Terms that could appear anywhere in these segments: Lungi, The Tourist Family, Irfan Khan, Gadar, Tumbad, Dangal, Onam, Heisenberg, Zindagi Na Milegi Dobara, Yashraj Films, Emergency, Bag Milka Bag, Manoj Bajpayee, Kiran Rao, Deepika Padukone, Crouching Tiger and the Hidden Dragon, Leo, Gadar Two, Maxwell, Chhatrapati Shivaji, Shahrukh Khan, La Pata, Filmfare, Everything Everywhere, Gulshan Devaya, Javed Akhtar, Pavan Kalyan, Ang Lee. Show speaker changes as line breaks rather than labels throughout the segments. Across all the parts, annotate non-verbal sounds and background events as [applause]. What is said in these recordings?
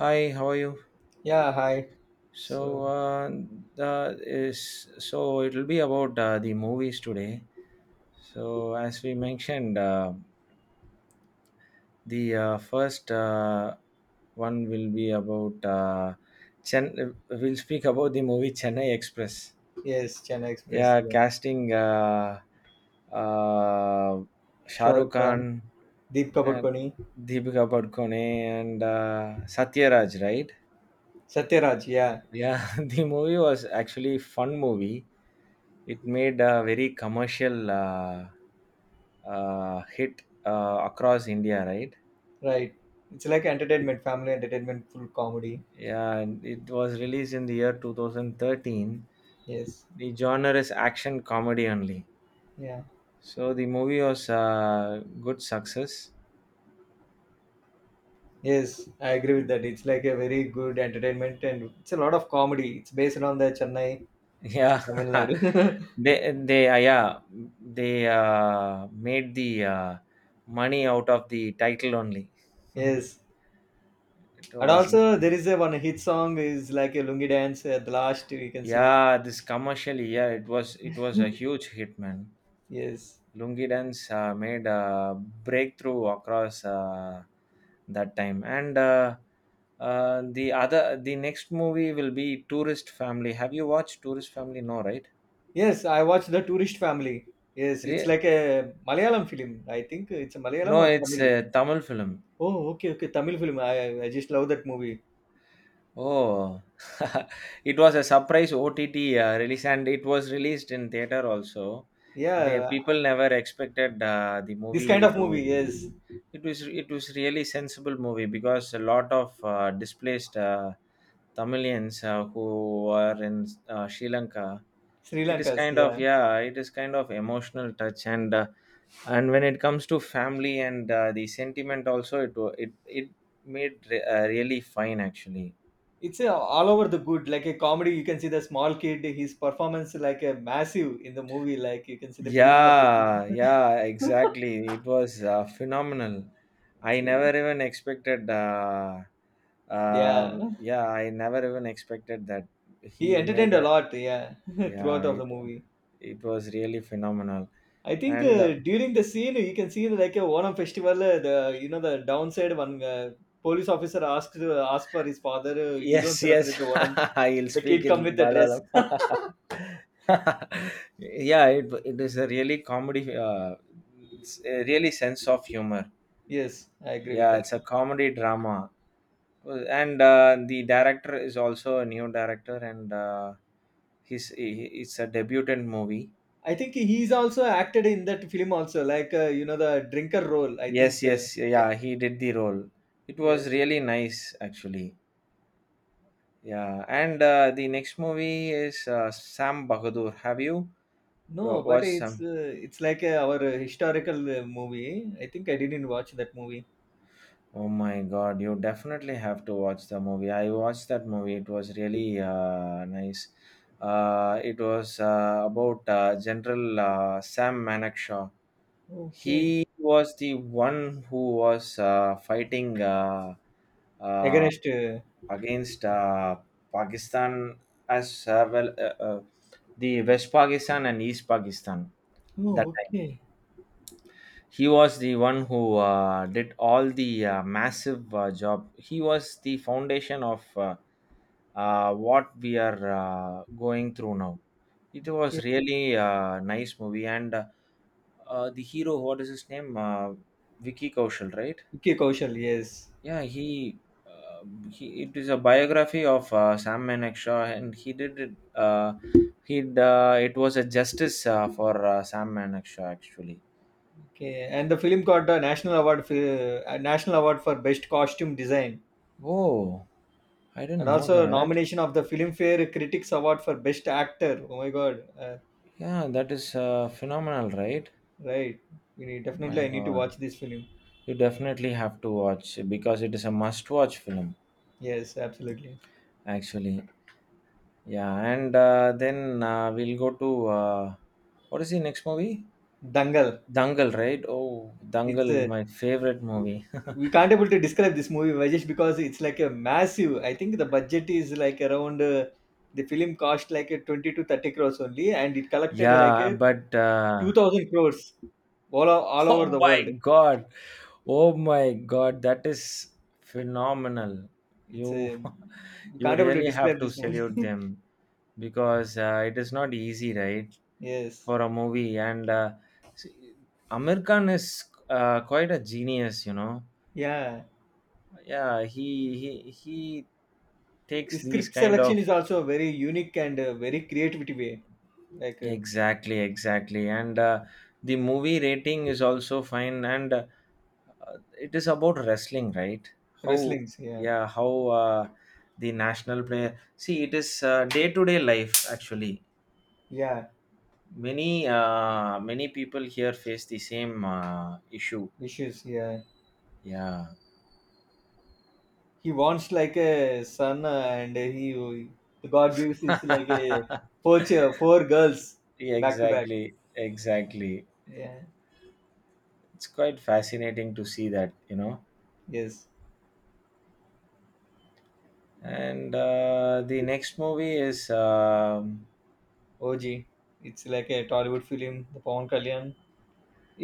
Hi, how are you?
Yeah, hi. So,
So, uh, the is so it'll be about the movies today. So, as we mentioned, the first one will be about Chen. We'll speak about the movie Chennai Express.
yes, Chennai Express.
Yeah,
Yeah.
casting uh, Shah Rukh
Shahrukh Khan,
Khan
Deepika
and
Padukone,
Deepika Padukone and Satyaraj, right?
Satyaraj. Yeah,
Yeah, [laughs] the movie was actually fun movie. It made a very commercial hit across India, right?
right. It's like entertainment, family entertainment, full comedy.
Yeah, and it was released in the year 2013.
Yes.
The genre is action comedy only.
Yeah.
So the movie was a good success.
Yes, I agree with that. It's like a very good entertainment and it's a lot of comedy. It's based on the Chennai, so
Yeah,
Tamil
[laughs]
Nadu. [laughs]
they yeah, they made the money out of the title only. [laughs] It
yes. And
was
also there is a one hit song is like a Lungi dance at the last you can see.
yeah, this commercially, yeah, it was a
[laughs]
huge hit, man.
Yes.
Lungi dance made a breakthrough across that time. And The the next movie will be Tourist Family. Have you watched Tourist Family? No, right?
Yes, I watched The Tourist Family. Yes, it's
Re-
like a Malayalam film. I think it's a Malayalam
no,
or
it's
Tamil.
a Tamil film.
Oh, okay, okay, Tamil film. I just love that movie.
Oh, [laughs] it was a surprise OTT release, and it was released in theater also. The
Yeah,
people never expected the
this kind
movie
of movie.
to.
Yes,
It was really sensible movie because a lot of displaced. Tamilians who were in Sri Lanka.
Sri Lanka's. Yeah,
It is kind of emotional touch, and when it comes to family and the sentiment also it wa- it really fine actually.
it's a, all over the good. Like a comedy, you can see the small kid. His performance like a massive in the movie. Like you can see the beginning of the scene.
Yeah,
[laughs]
yeah, exactly. It was phenomenal.
It's,
I
uh,
never even expected. Uh,
yeah,
yeah, I never even expected that
he
he made
entertained a
a.
lot. Yeah, [laughs] throughout
Yeah,
of the
it
movie.
it was really phenomenal,
I think
and.
during the scene you can see like a Onam festival. The you know the downside one police officer asked for his father. You don't
Yes, yes.
celebrate the Onam.
[laughs] He'll
The
speak
kid come
in
with a dress.
Malayalam.
[laughs]
[laughs] Yeah, it is a really comedy, it's a really sense of humor.
yes, I agree with
Yeah,
that.
it's a comedy drama, and the director is also a new director, and it's a debutant movie.
I think he's also acted in that film also like you know the drinker role. I think
Yes, yes,
Yeah,
yeah, he did the role. It was
yes.
really nice, actually. Yeah, and the next movie is Sam Bahadur. Have you
No, but
watched Sam?
it's like our historical movie. I think I didn't watch that movie.
Oh my God, you definitely have to watch the movie. I watched that movie. It was really nice. It was about General Sam Manekshaw.
Okay,
He was the one who was fighting uh,
against.
against Pakistan, as uh, well, uh, uh, the West Pakistan and East Pakistan. That
Oh,
time
okay,
he was the one who did all the massive job. He was the foundation of what we are going through now. It
okay,
was really a nice movie, and the hero, what is his name, Vicky Kaushal, right?
okay, Kaushal. Yes.
Yeah, he uh, it is a biography of Sam Manekshaw, and he did it. He it was a justice for Sam Manekshaw actually.
Okay, and the film got the national award for best costume design,
Oh, I
and
didn't know
also
that.
nomination of the Filmfare Critics Award for best actor. Oh my God!
Yeah, that is phenomenal, right?
Right, definitely
My
I need to
God,
watch this film.
you definitely have to watch because it is a must-watch film,
Yes, absolutely.
actually. Yeah, and then we'll go to what is the next movie?
Dangal.
Dangal, right? Oh,
It's
Dangal,
a
my favorite movie.
We can't able to describe this movie why, because it's like a massive. I think the budget is like around the film cost like a 20 to 30 crores only, and it
[laughs]
collected like
Yeah,
a
but
2,000 crores all o-
[laughs]
all over
oh
the
my
world.
god. Oh my god, that is phenomenal.
It's
You
a
[laughs]
You
you
can't able to
really have
describe
to
this
salute
movie.
them because it is not easy, right?
[laughs] yes,
For a movie, and see, Amir Khan is quite a genius, you know.
yeah.
Yeah, he
The
takes these
script
kind
selection
of.
is also very unique and very creativity way, like
Exactly, exactly. And the movie rating is also fine. And it is about wrestling, right? How,
wrestling's. Yeah,
yeah, how the national player. See, it is day to day life, actually.
yeah.
Many, many people here face the same issue.
Wishes. Yeah,
Yeah.
he wants like a son, and he the God gives his like a
[laughs]
four girls
Yeah,
back to back.
exactly, exactly.
Yeah.
It's quite fascinating to see that, you know.
Yes.
And the next movie is,
OG. It's like a Tollywood film. The Pawan Kalyan.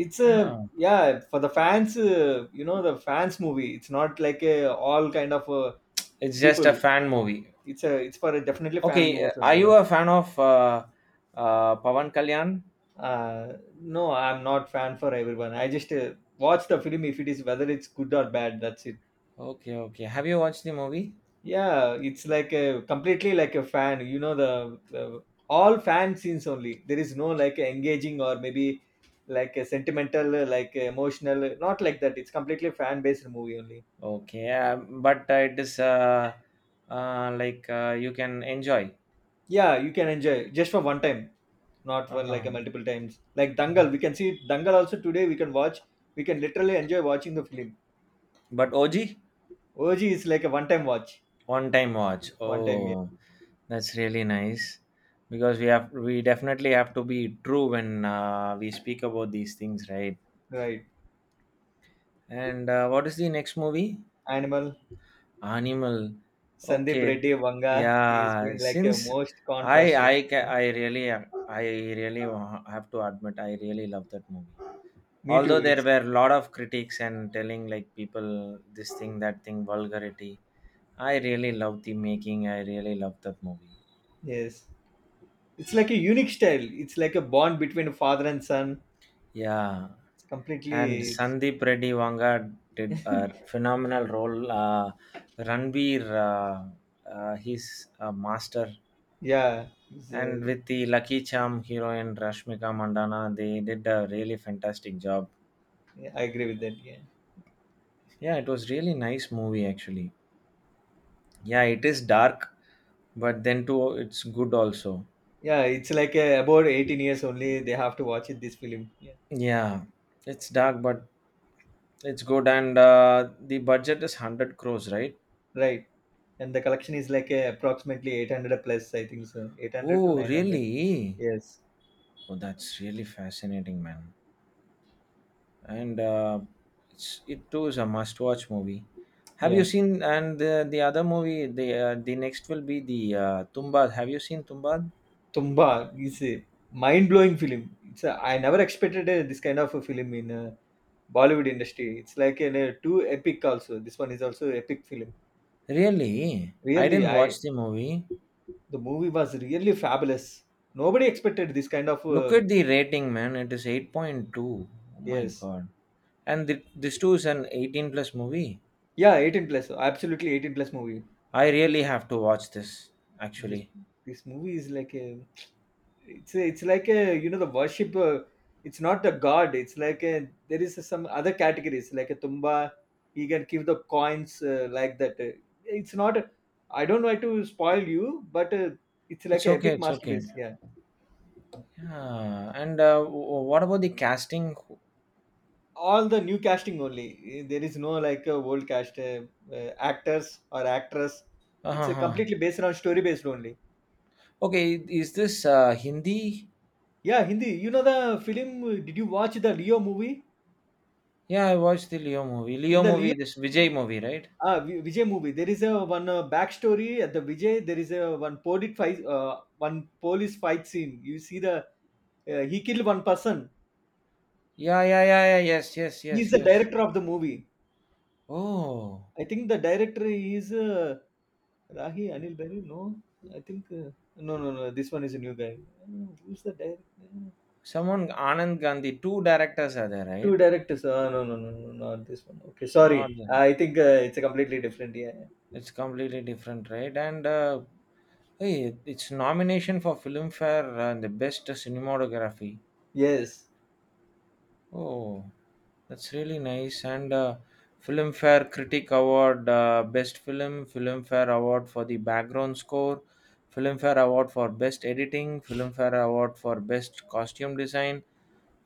It's a,
yeah.
yeah, for the fans you know the fans movie. It's not like a all kind of
It's just
people.
a fan movie.
It's for a definitely fan
Okay,
movies
are
only,
you
yeah.
a fan of Pavan Kalyan?
uh no, I'm not fan for everyone. I just watch the film if it is whether it's good or bad, that's it.
Okay, okay. Have you watched the movie?
Yeah, it's like a completely like a fan. You know the all fan scenes only. There is no like engaging or maybe like a sentimental like emotional, not like that. It's completely fan based movie only,
Okay, but it is like you can enjoy.
yeah. You can enjoy just for one time, not for like a
Uh-huh.
multiple times. Like
Mhm.
Dangal, we can see Dangal also today. We can watch. We can literally enjoy watching the film.
But OG
OG is like a one-time watch.
one time watch.
One time, yeah,
Oh, that's really nice because we definitely have to be true when we speak about these things, right?
right.
And what is the next movie?
Animal.
Animal.
Sandeep
Okay.
Reddy Vanga is
Yeah.
been like a
Since
most
I
controversial.
I ca-
Yeah.
I really I really have to admit I really love that movie.
Me too.
Although there
It's
were a lot of critics and telling like people this thing that thing vulgarity. I really love the making. I really love that movie.
yes. It's like a unique style. It's like a bond between father and son.
Yeah.
It's
And
completely.
Sandeep Reddy Wanga did a phenomenal role. Ranbir, he's a master.
Yeah, it's,
And
uh,
with the Lucky Charm heroine Rashmika Mandana, they did a really fantastic job.
yeah, I agree with that. Yeah,
Yeah, it was really nice movie actually. Yeah, it is dark, but then too it's good also.
yeah. It's like about 18 only. They have to watch it. This film. Yeah.
Yeah, it's dark but it's good, and the budget is 100 crores, right?
Right. And the collection is like a approximately 800 plus, I think so. 800 to
Oh,
900.
really?
Yes.
Oh, that's really fascinating, man. And it's, it too is a must-watch movie. Have you
Yeah.
seen and the other movie? The next will be the Tumbad. Have you seen Tumbad?
Tumba is a mind-blowing film. I never expected this kind of a film in Bollywood industry. It's like an, too epic also. This one is also epic film.
Really, I
Really,
didn't watch
I
the movie.
the movie was really fabulous. Nobody expected this kind of
Look at the rating, man. It is 8.2. Oh my
yes.
god! And this too is an 18 plus movie.
Yeah, 18 plus. Absolutely 18 plus movie.
I really have to watch this.
This
Actually,
this movie is like a it's like a you know the worship it's not a god. It's like a there is some other categories like a tumba. He can give the coins like that. It's not, I don't want to spoil you, but it's like
it's
an
okay.
epic
It's okay.
masterpiece, yeah.
Yeah. And what about the casting?
All the new casting only. There is no like a old cast actors or actress. It's a
Uh-huh.
completely based on story based only.
Okay, is this Hindi?
Yeah, Hindi. You know the film did you watch the Leo movie?
Yeah, I watched the Leo movie.
In
Leo
the Leo,
movie, this Vijay movie, right?
Vijay movie, there is a one backstory at the Vijay. There is a one police fight scene. You see the he killed one person.
Yeah, yeah, yeah, yeah. Yes, yes,
He is
yes,
the
yes.
director of the movie.
Oh,
I think the director is Rahi Anil Berry. No, I think no, no, no. This one is a new guy. Who's the director?
someone Anand Gandhi. Two directors are there,
Two
right?
directors. No, no, no, no, not this one. Okay,
Not,
sorry. I think it's a completely different. Yeah, yeah.
it's completely different, right? And hey, it's nomination for Filmfare and the best cinematography.
Yes.
Oh, that's really nice. And Filmfare Critic Award, Best Film, Filmfare Award for the background score, Filmfare Award for Best Editing, Filmfare Award for Best Costume Design,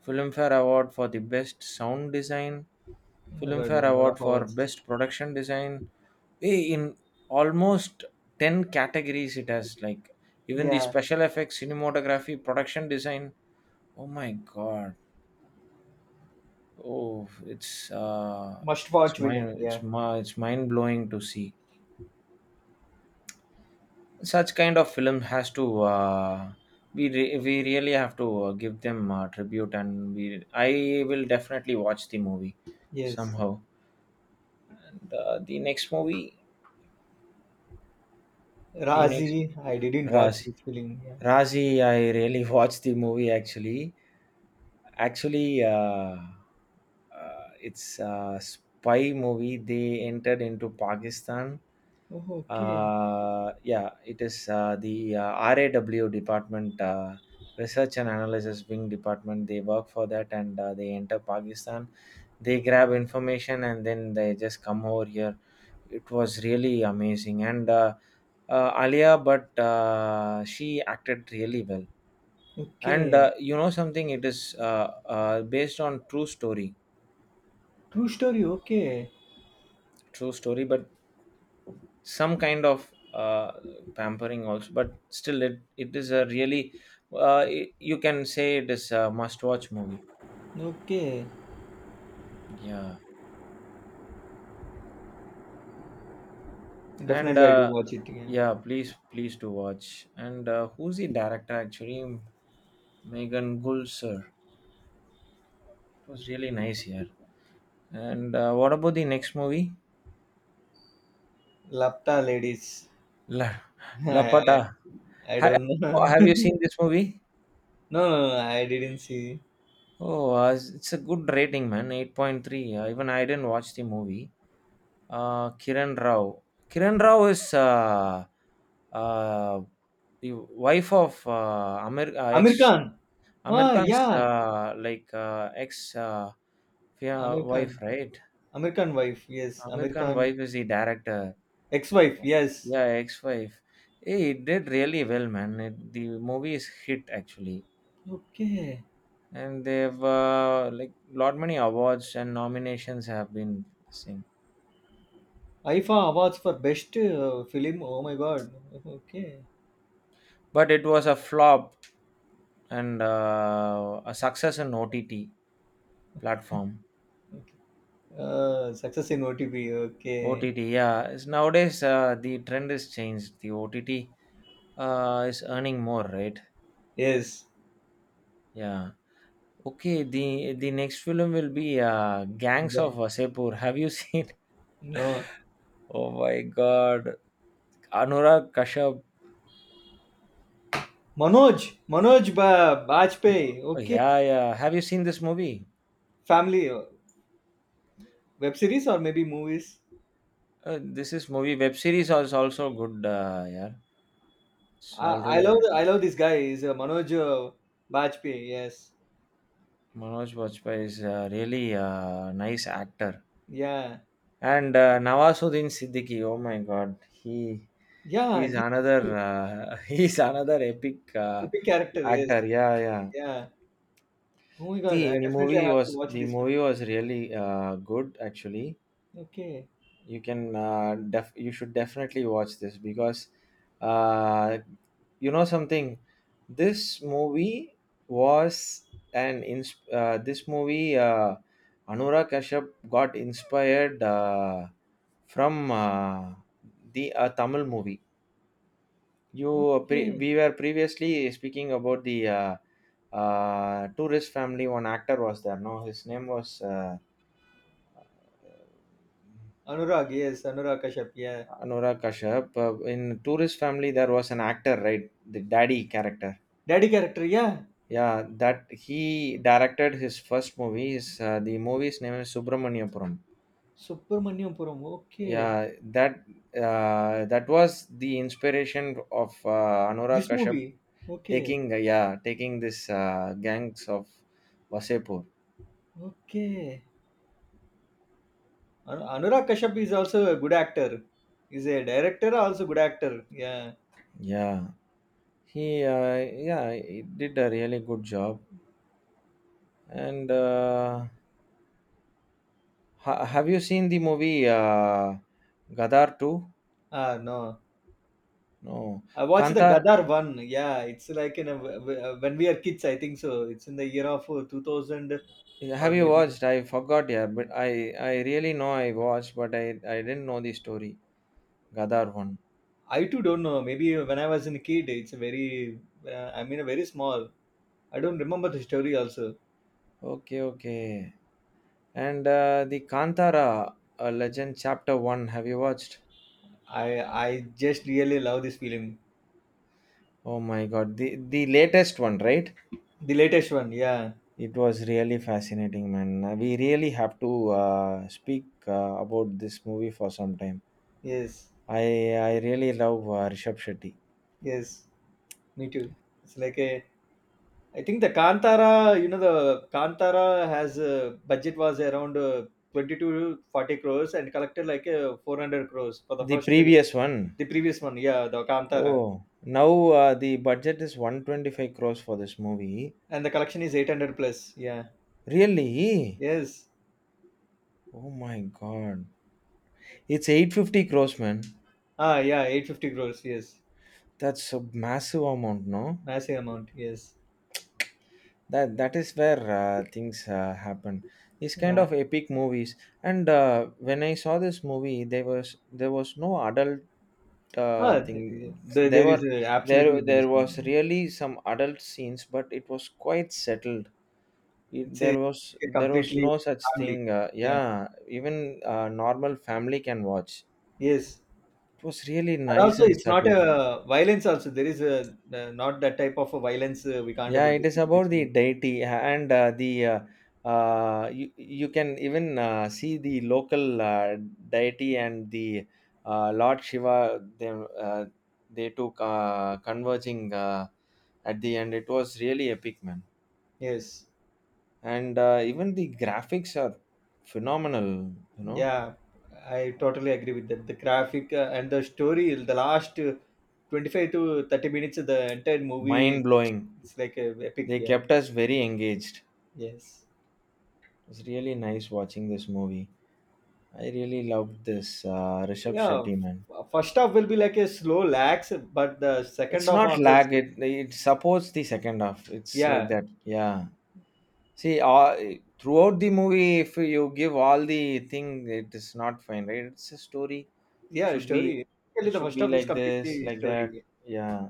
Filmfare Award for the Best Sound Design,
Oh my God,
Filmfare
one
Award
of
for
ours.
Best Production Design. Eh, in almost 10 categories, it has like even the
Yeah.
special effects, cinematography, production design. Oh my god. Oh,
Must watch film. Yeah.
it's mind blowing to see such kind of film has to we really have to give them tribute, and we, I will definitely watch the movie
Yes.
somehow. And, the next
Razi, I didn't watch
Razi.
this film. Yeah.
Razi, I really [laughs] watched the movie actually. actually uh, it's a spy movie, they entered into Pakistan.
Oh, okay.
Yeah, it is the RAW department, research and analysis wing department, they work for that, and they enter Pakistan, they grab information, and then they just come over here. It was really amazing, and Alia, but she acted really well. And
Okay.
you know something, it is based on true story.
True story. Okay.
True story, but some kind of pampering also, but still it is a really you can say it is a must watch movie,
Okay.
yeah. And
Definitely, I do watch it. Yeah.
yeah, please, please do watch. And who's the director, actually? Megan Gull, sir. It was really nice here. And what about the next movie?
Lapta ladies.
La,
[laughs]
La
I, I
Pata.
I
Ha,
don't
oh,
know.
have you
[laughs]
seen this movie?
no, no, no, I didn't see.
Oh, it's a good rating, man. 8.3. Even I didn't watch the movie. Kiran Rao. Kiran Rao is uh, the wife of
Amir
ex
Khan. Oh,
American's
yeah. Amir
wife,
Khan.
right?
American wife. Yes.
American wife
American
is the director.
ex-wife. Yes.
Yeah, ex-wife. Hey, it did really well, man. It, the movie is hit actually.
Okay.
And they've like lot many awards and nominations have been seen,
IFA awards for best film. Oh my God. Okay.
but it was a flop and a success in OTT platform.
Success in OTP.
OTT,
Okay.
yeah, is nowadays the trend is changed, the OTT is earning more, right?
Yes.
Yeah. Okay, the next film will be Gangs of Vasepur. [laughs] Have you seen
No.
[laughs] oh my god, Anurag Kashyap.
Manoj, Manoj Bajpayee. Okay,
Yeah, yeah, have you seen this movie?
family web series or maybe movies.
This is movie, web series is also good. Yeah, it's
I, I
already
love this guy. Is Manoj Bajpayee? Yes.
Manoj Bajpayee is a really nice actor,
Yeah.
and Nawazuddin Siddiqui. Oh my God, he
Yeah.
he's
He
another [laughs] he's another epic
epic character. Yes.
actor. Yeah, yeah.
Yeah. Oh my God!
The,
I
the
definitely
movie
have to
was
watch
the
this film.
movie was really good actually.
Okay.
You can you should definitely watch this because uh, you know something, this movie was this movie, Anurag Kashyap got inspired from the Tamil movie.
Okay.
We were previously speaking about the Tourist Family, one actor was there, no, his name was
Anurag. Yes. Anurag Kashyap. Yeah.
Anurag Kashyap. In Tourist Family, there was an actor, right? The daddy character.
Daddy character. Yeah.
Yeah, that he directed his first movie. His, the movie's name is Subramaniapuram.
Subramanyam Puram. Okay.
Yeah, that that was the inspiration of Anurag
This
Kashyap
movie. Okay.
taking yeah, taking this Gangs of Vasepur.
Okay. Anurag Kashyap is also a good actor. He's a director, also good actor. Yeah.
Yeah, he yeah, he did a really good job. And Have you seen the movie Gadar Two?
Ah, no.
No,
I watched the
Kantara.
Gadar one. Yeah, it's like in a, when we are kids, I think so. It's in the year of 2000 or
Have you
maybe
watched? I forgot. Yeah, but I really know I watched, but I didn't know the story. Gadar one.
I too don't know. Maybe when I was in a kid, it's a very. I mean, a very small. I don't remember the story. Also,
Okay, okay. And the Kantara Legend Chapter One. Have you watched?
I just really love this film.
Oh my God, the latest one, right?
The latest one. Yeah.
It was really fascinating, man. We really have to speak about this movie for some time.
Yes.
I I really love Rishabh Shetty.
Yes. Me too. It's like a I think the Kantara, you know, the Kantara has a budget was around 22 to 40 crores and collected like 400 crores for the
The
first film.
previous one.
The previous one, yeah, the Kantara.
Oh, now the budget is 125 crores for this movie.
And the collection is 800 plus. Yeah.
Really?
Yes.
Oh my god. It's 850 crores, man.
Ah, yeah, 850 crores. Yes.
That's a massive amount, no?
Massive amount. Yes.
That is where things happen. These kind
Yeah.
of epic movies. And when I saw this movie, there was no adult
Ah, yeah,
thing.
there,
There
there
were
is a, absolutely
there
there is.
there was
No-
really some adult scenes, but it was quite settled it,
It's
there was
a
there was
completely
no such
family.
thing
Yeah.
yeah, even normal family can watch.
Yes.
It was really
And
nice
also,
and
it's not
settled.
a violence. Also, there is a not that type of a violence we can't
Yeah,
able to
it is
see in this
about the
movie.
deity and the you, you can even see the local deity and the Lord Shiva them, they took converging at the end. It was really epic, man.
Yes,
And even the graphics are phenomenal, you know.
yeah, I totally agree with that. The graphic and the story, the last 25 to 30 minutes of the entire
Mind
movie,
blowing.
it's like a epic.
They
Yeah,
kept us very engaged. It
yes,
was really nice watching this movie. I really loved this Rishabh
yeah.
Shetty, man.
First half will be like a slow lax, but the second
It's
half
not
onwards,
lag. It
it's-
supports the second half. It's like
yeah,
that. Yeah. See, all, throughout the movie, if you give all the thing, it is not fine, right? It's a story. It
yeah,
should be.
story. Actually,
It
the
should
first
be
half is
like this,
completely
like that.
story.
Yeah.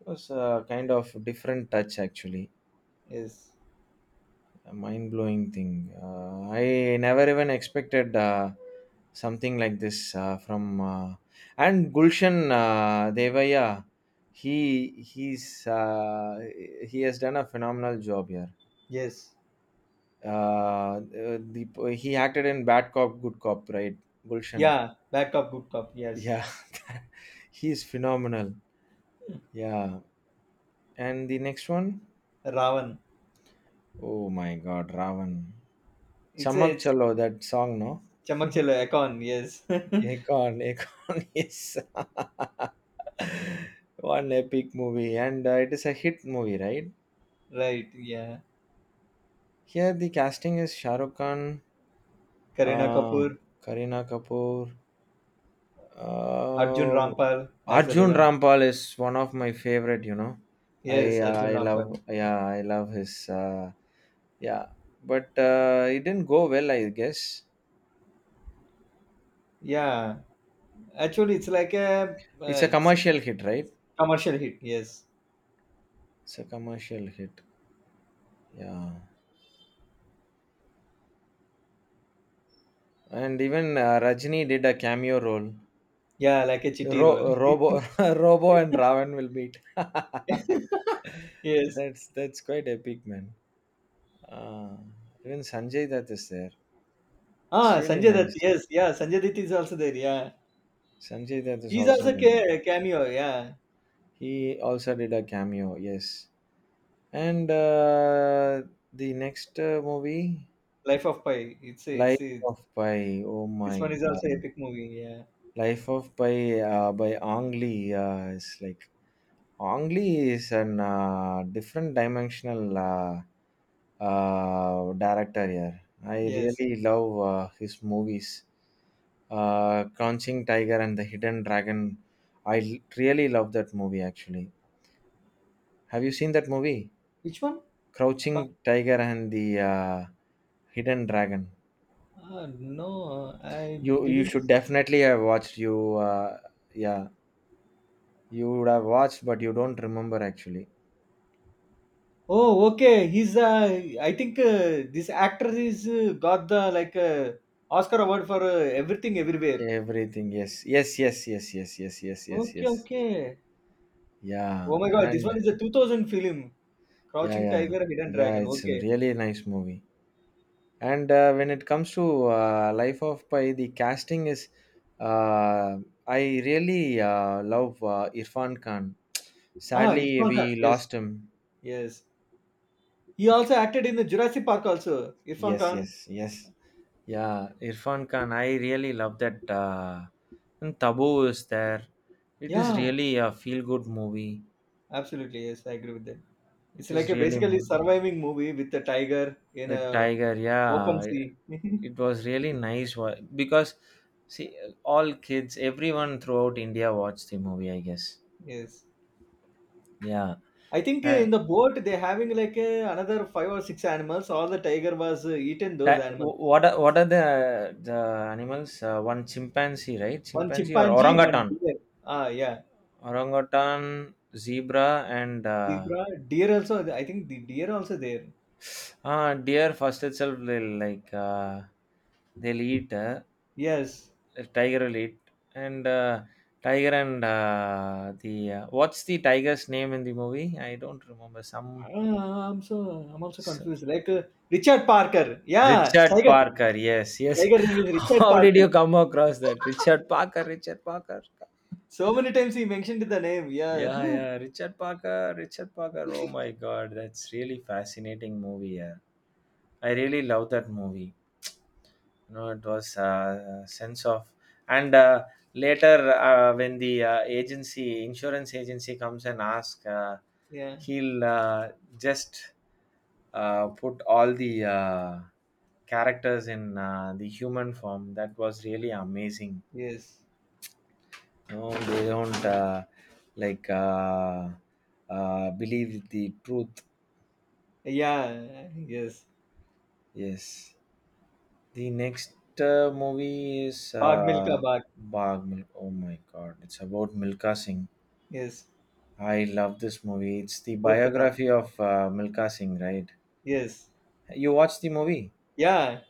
It was a kind of different touch actually.
Yes,
A mind-blowing thing. Uh, I never even expected something like this from and Gulshan Devaya. He he's uh, he has done a phenomenal job here.
yes,
uh, uh, the, he acted in Bad Cop Good Cop, right? Gulshan,
yeah. Bad cop, good cop. Yes.
yeah. [laughs] He's phenomenal. Yeah. And the next one,
Ravan.
oh my god, Ravan.
It's a
Chamak
it's
Chalo, that song, no?
Chamak
[laughs]
Chalo Akon, yes. [laughs]
Akon, Akon, [laughs] yes. One epic movie, and it is a hit movie, right?
Right, yeah.
Here, the casting is Shah Rukh Khan,
Kareena
uh,
Kapoor,
Kareena Kapoor,
Arjun
uh,
Rampal as the
Arjun
villain.
Rampal is one of my favorite. You know,
Yes, Arjun
I
Rampal.
love,
Yeah.
yeah, I love his, yeah, but it didn't go well, I guess.
Yeah. Actually,
It's a
it's a
commercial hit, right?
commercial hit. Yes.
It's a commercial hit, yeah. And even Rajni did a cameo role.
Yeah, like a chitti role.
Robo, [laughs] Robo and Raven will meet. [laughs]
[laughs] yes.
That's quite epic, man. Uh, Even Sanjay Dutt is there. It's
Ah,
really
Sanjay Dutt.
nice.
Yes. Yeah, Sanjay Dutt is also there. Yeah.
Sanjay Dutt is
He's
also
also
there, man.
cameo. Yeah.
He also did a cameo, yes. And the next movie,
Life of Pi.
Life of Pi. Oh
This
my
one is also
God,
epic movie. Yeah.
Life of Pi by Ang Lee is like Ongli is an different dimensional director here. I
Yes.
really love his movies. Crouching Tiger and the Hidden Dragon. I really love that movie actually. Have you seen that movie?
Which one? Ka-
Crouching Tiger and the Hidden Dragon.
Ah, no, I
You
didn't.
should definitely have watched. You Yeah, you would have watched, but you don't remember actually.
Oh, okay. He's I think this actor is got the like Oscar award for Everything Everywhere.
Everything, yes. Yes, yes, yes, yes, yes, yes, yes,
Okay,
yes.
okay. Oh
Yeah,
my God, this one
and
is a 2000 film,
yeah,
Crouching
yeah,
Tiger, Hidden
yeah.
Dragon.
It's a
Okay.
really nice movie. And when it comes to Life of Pi, the casting is, uh, I really love Irfan Khan.
Ah,
Sadly,
Irfan Khan.
we
Yes,
lost him.
yes. He also acted in the Jurassic Park also. Irfan
Yes,
Khan.
yes, yes. Yeah, Irfan Khan. I really love that. And Tabu is there. It is
Yeah,
really a feel-good movie.
absolutely. Yes, I agree with that. It's
It
like
is
a
really
basically
mo-
surviving movie with a tiger in
With
a
Tiger.
open
Yeah,
sea. [laughs]
it was really nice wa- because see all kids, everyone throughout India watched the movie, I guess.
yes.
Yeah.
I think
uh,
in the boat they're having like another five or six animals. All the tiger was eaten those
that,
animals.
what are the animals? One chimpanzee, right?
One
Chimpanzee or
chimpanzee, one
orangutan,
deer. Ah, yeah,
orangutan, zebra, and
zebra, deer also. I think the deer also there.
deer first itself will like they'll eat,
Yes.
the tiger will eat. And tiger and the what's the tiger's name in the movie? I don't remember, some.
Ah, I'm also confused. Like Richard Parker. Yeah,
Richard
tiger.
Parker, yes, yes.
Tiger
[laughs]
name is Richard
How did
Parker.
you come across that? Richard Parker, Richard Parker.
So many times he mentioned the name. Yeah.
Yeah, yeah,
[laughs]
Richard Parker, Richard Parker. Oh my god, that's really fascinating movie. Yeah. I really love that movie. No, it was sense of, and later when the agency, insurance agency comes and ask,
yeah.
he'll just put all the characters in the human form. That was really amazing.
Yes.
No, they don't like uh, believe the truth.
Yeah. Yes.
Yes. The next movie is
Bag Milka Bag.
Bag Milk. Oh my God! It's about Milka Singh.
Yes.
I love this movie. It's the
Pochram.
biography of Milka Singh, right?
Yes.
You watched the movie?
Yeah.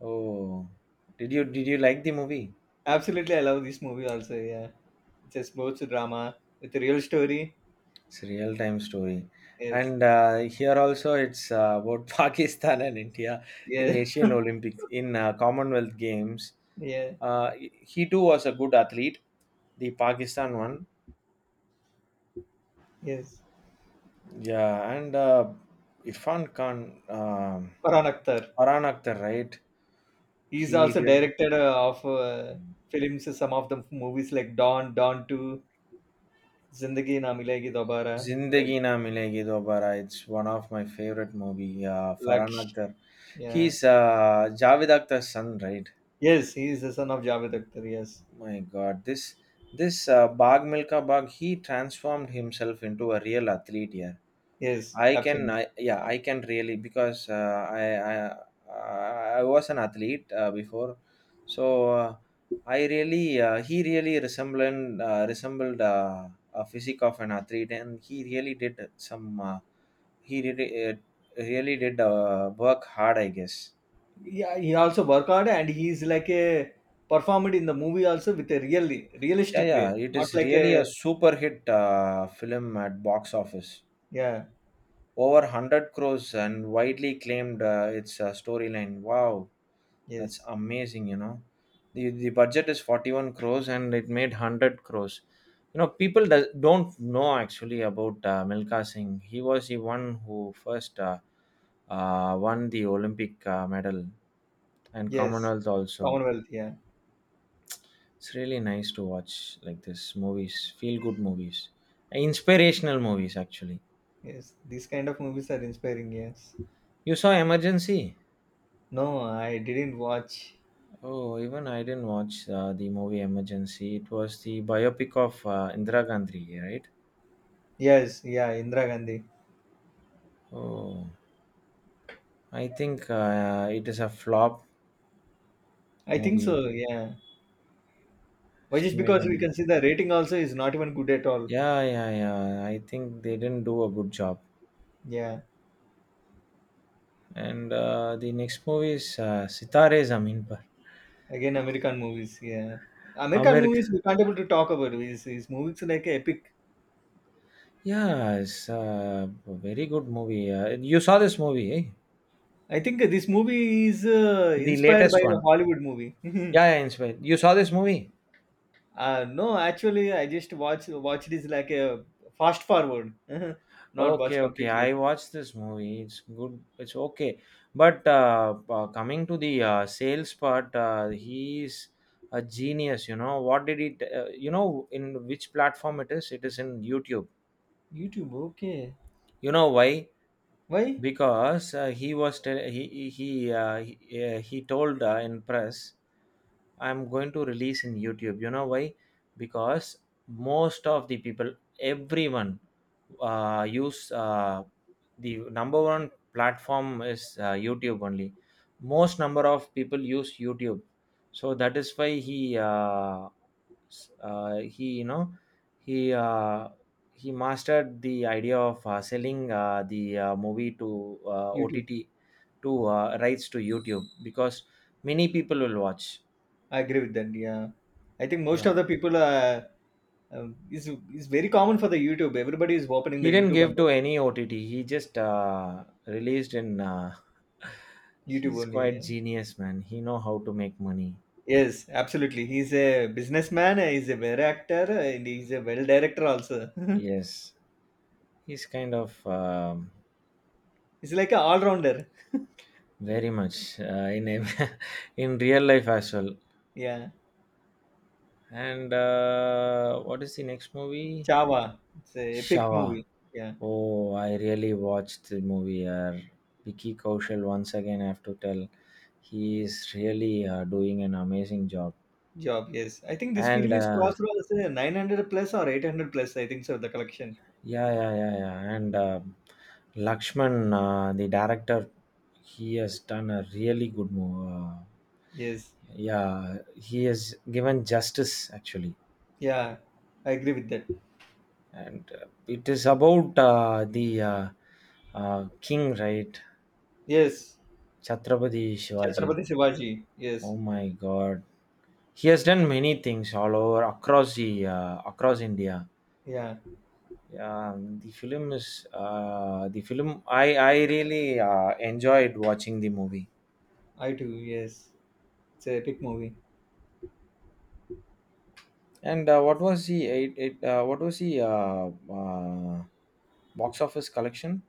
Oh, did you like the movie?
Absolutely, I love this movie also. Yeah, it's a sports drama with a real story.
It's a real time story,
Yes,
and here also it's about [laughs] Pakistan and India in
yeah,
Asian Olympics in Commonwealth Games.
[laughs] yeah,
Uh, he too was a good athlete, the Pakistan one.
yes.
Yeah, and Irfan Khan, um
Farhan Akhtar.
Farhan Akhtar, right?
He's
He
also
did
directed of films. Some of the movies like Dawn, Dawn Two, Zindagi Na Milegi Dobara, like
Zindagi Na Milegi Dobara. It's one of my favorite movie. Farhan
Laksh.
Akhtar,
Yeah.
he's Javed Akhtar's son, right?
Yes, he is the son of Javed Akhtar. Yes,
My God, this Bag Milka Bag, he transformed himself into a real athlete here.
yes,
I can,
absolutely.
I, yeah, I can really, because I was an athlete before, so I really he really resembled a physique of an athlete, and he really did some, he did work hard, I guess.
Yeah, he also work hard and he is like a performed in the movie also with a really
Yeah,
realistic way,
yeah, it
not
is
like
really a
a
super hit film at box office,
yeah.
over 100 crores, and widely claimed. Its storyline, wow. That's
Yes.
amazing, you know. The budget is 41 crores and it made 100 crores. You know, people does, don't know actually about Milka Singh. He was the one who first won the Olympic medal and
Yes,
Commonwealth also.
Commonwealth, yeah.
It's really nice to watch like this movies, feel good movies, inspirational movies actually.
Yes, these kind of movies are inspiring, yes.
You saw Emergency?
No, I didn't watch.
Oh, even I didn't watch the movie Emergency. It was the biopic of Indira Gandhi, right?
Yes, yeah, Indira Gandhi.
Oh, I think it is a flop
I think
movie.
so, yeah. But just because
Estimated.
we can see the rating also is not even good at all.
Yeah, yeah, yeah. I think they didn't do a good job.
Yeah,
And the next movie is Sitare Zameen Par.
again, American movies, yeah. American
Amir.
movies we can't able to talk about. Is movies like epic.
Yeah, it's a very good movie. You saw this movie, eh?
I think this movie is
The
inspired by
latest
a
one.
Hollywood movie. [laughs]
Yeah, yeah, inspired. You saw this movie?
No, actually, I just watched it is like a fast forward, [laughs] not watch
Okay, okay. I
completely.
watched this movie. It's good. It's okay. But coming to the sales part, he's a genius. You know what did he? You know in which platform it is? It is in YouTube.
YouTube, okay.
You know why?
Why
Because he was he told in press, I'm going to release in YouTube. You know why? Because most of the people, everyone use the number one platform is YouTube only. Most number of people use YouTube. So that is why he s- he you know he uh, he mastered the idea of selling the movie to
YouTube?
OTT, to rights to YouTube, because many people will watch.
I agree with that. Yeah, I think most
Yeah,
of the people are. Um, it's, it's very common for the YouTube. Everybody is opening the
he didn't
YouTube and
give to
watching
any OTT. He just released in. [laughs]
YouTube
He's
only. Yeah.
quite genius, man. He know how to make money.
Yes, absolutely. He's a businessman. He's a well actor, and he's a well director also. [laughs]
Yes, he's kind of
he's like a all rounder.
very much in [laughs] in real life as well.
[laughs] yeah,
And what is the next movie?
Chava. It's a epic
Shava.
movie. Yeah,
Oh, I really watched the movie. Vicky Kaushal, once again, I have to tell, he is really doing an amazing job.
job. Yes, I think this
And
film is crossed over 900 plus or 800 plus. I think so. The collection.
yeah, yeah, yeah, yeah. And Lakshman, the director, he has done a really good movie.
Yes.
Yeah, he has given justice actually,
Yeah, I agree with that.
and it is about the king, right?
Yes.
Chhatrapati Shivaji.
Chhatrapati Shivaji. Yes.
Oh my God, he has done many things all over across the, across India.
Yeah,
The film is the film. I really enjoyed watching the movie.
I too. Yes. It's a epic movie.
And what was the it, what was the box office collection?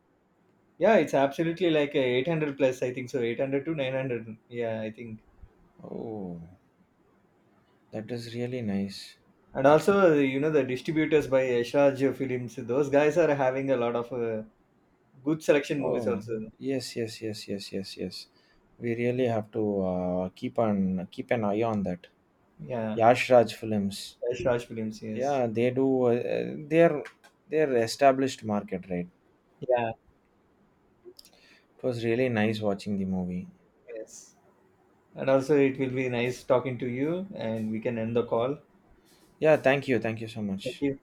Yeah, it's absolutely like a 800 plus, I think so. 800 to 900. Yeah, I think.
Oh, that is really nice.
And also, you know, the distributors by Yashraj Films, those guys are having a lot of good selection movies
Oh
also.
yes, yes, yes, yes, yes, yes. We really have to keep on keep an eye on that.
Yeah,
Yash Raj Films.
Yashraj Films, yes.
Yeah, they do. They're established market, right?
Yeah,
It was really nice watching the movie.
yes. And also, it will be nice talking to you, and we can end the call.
Yeah, thank you so
Thank
much.
you.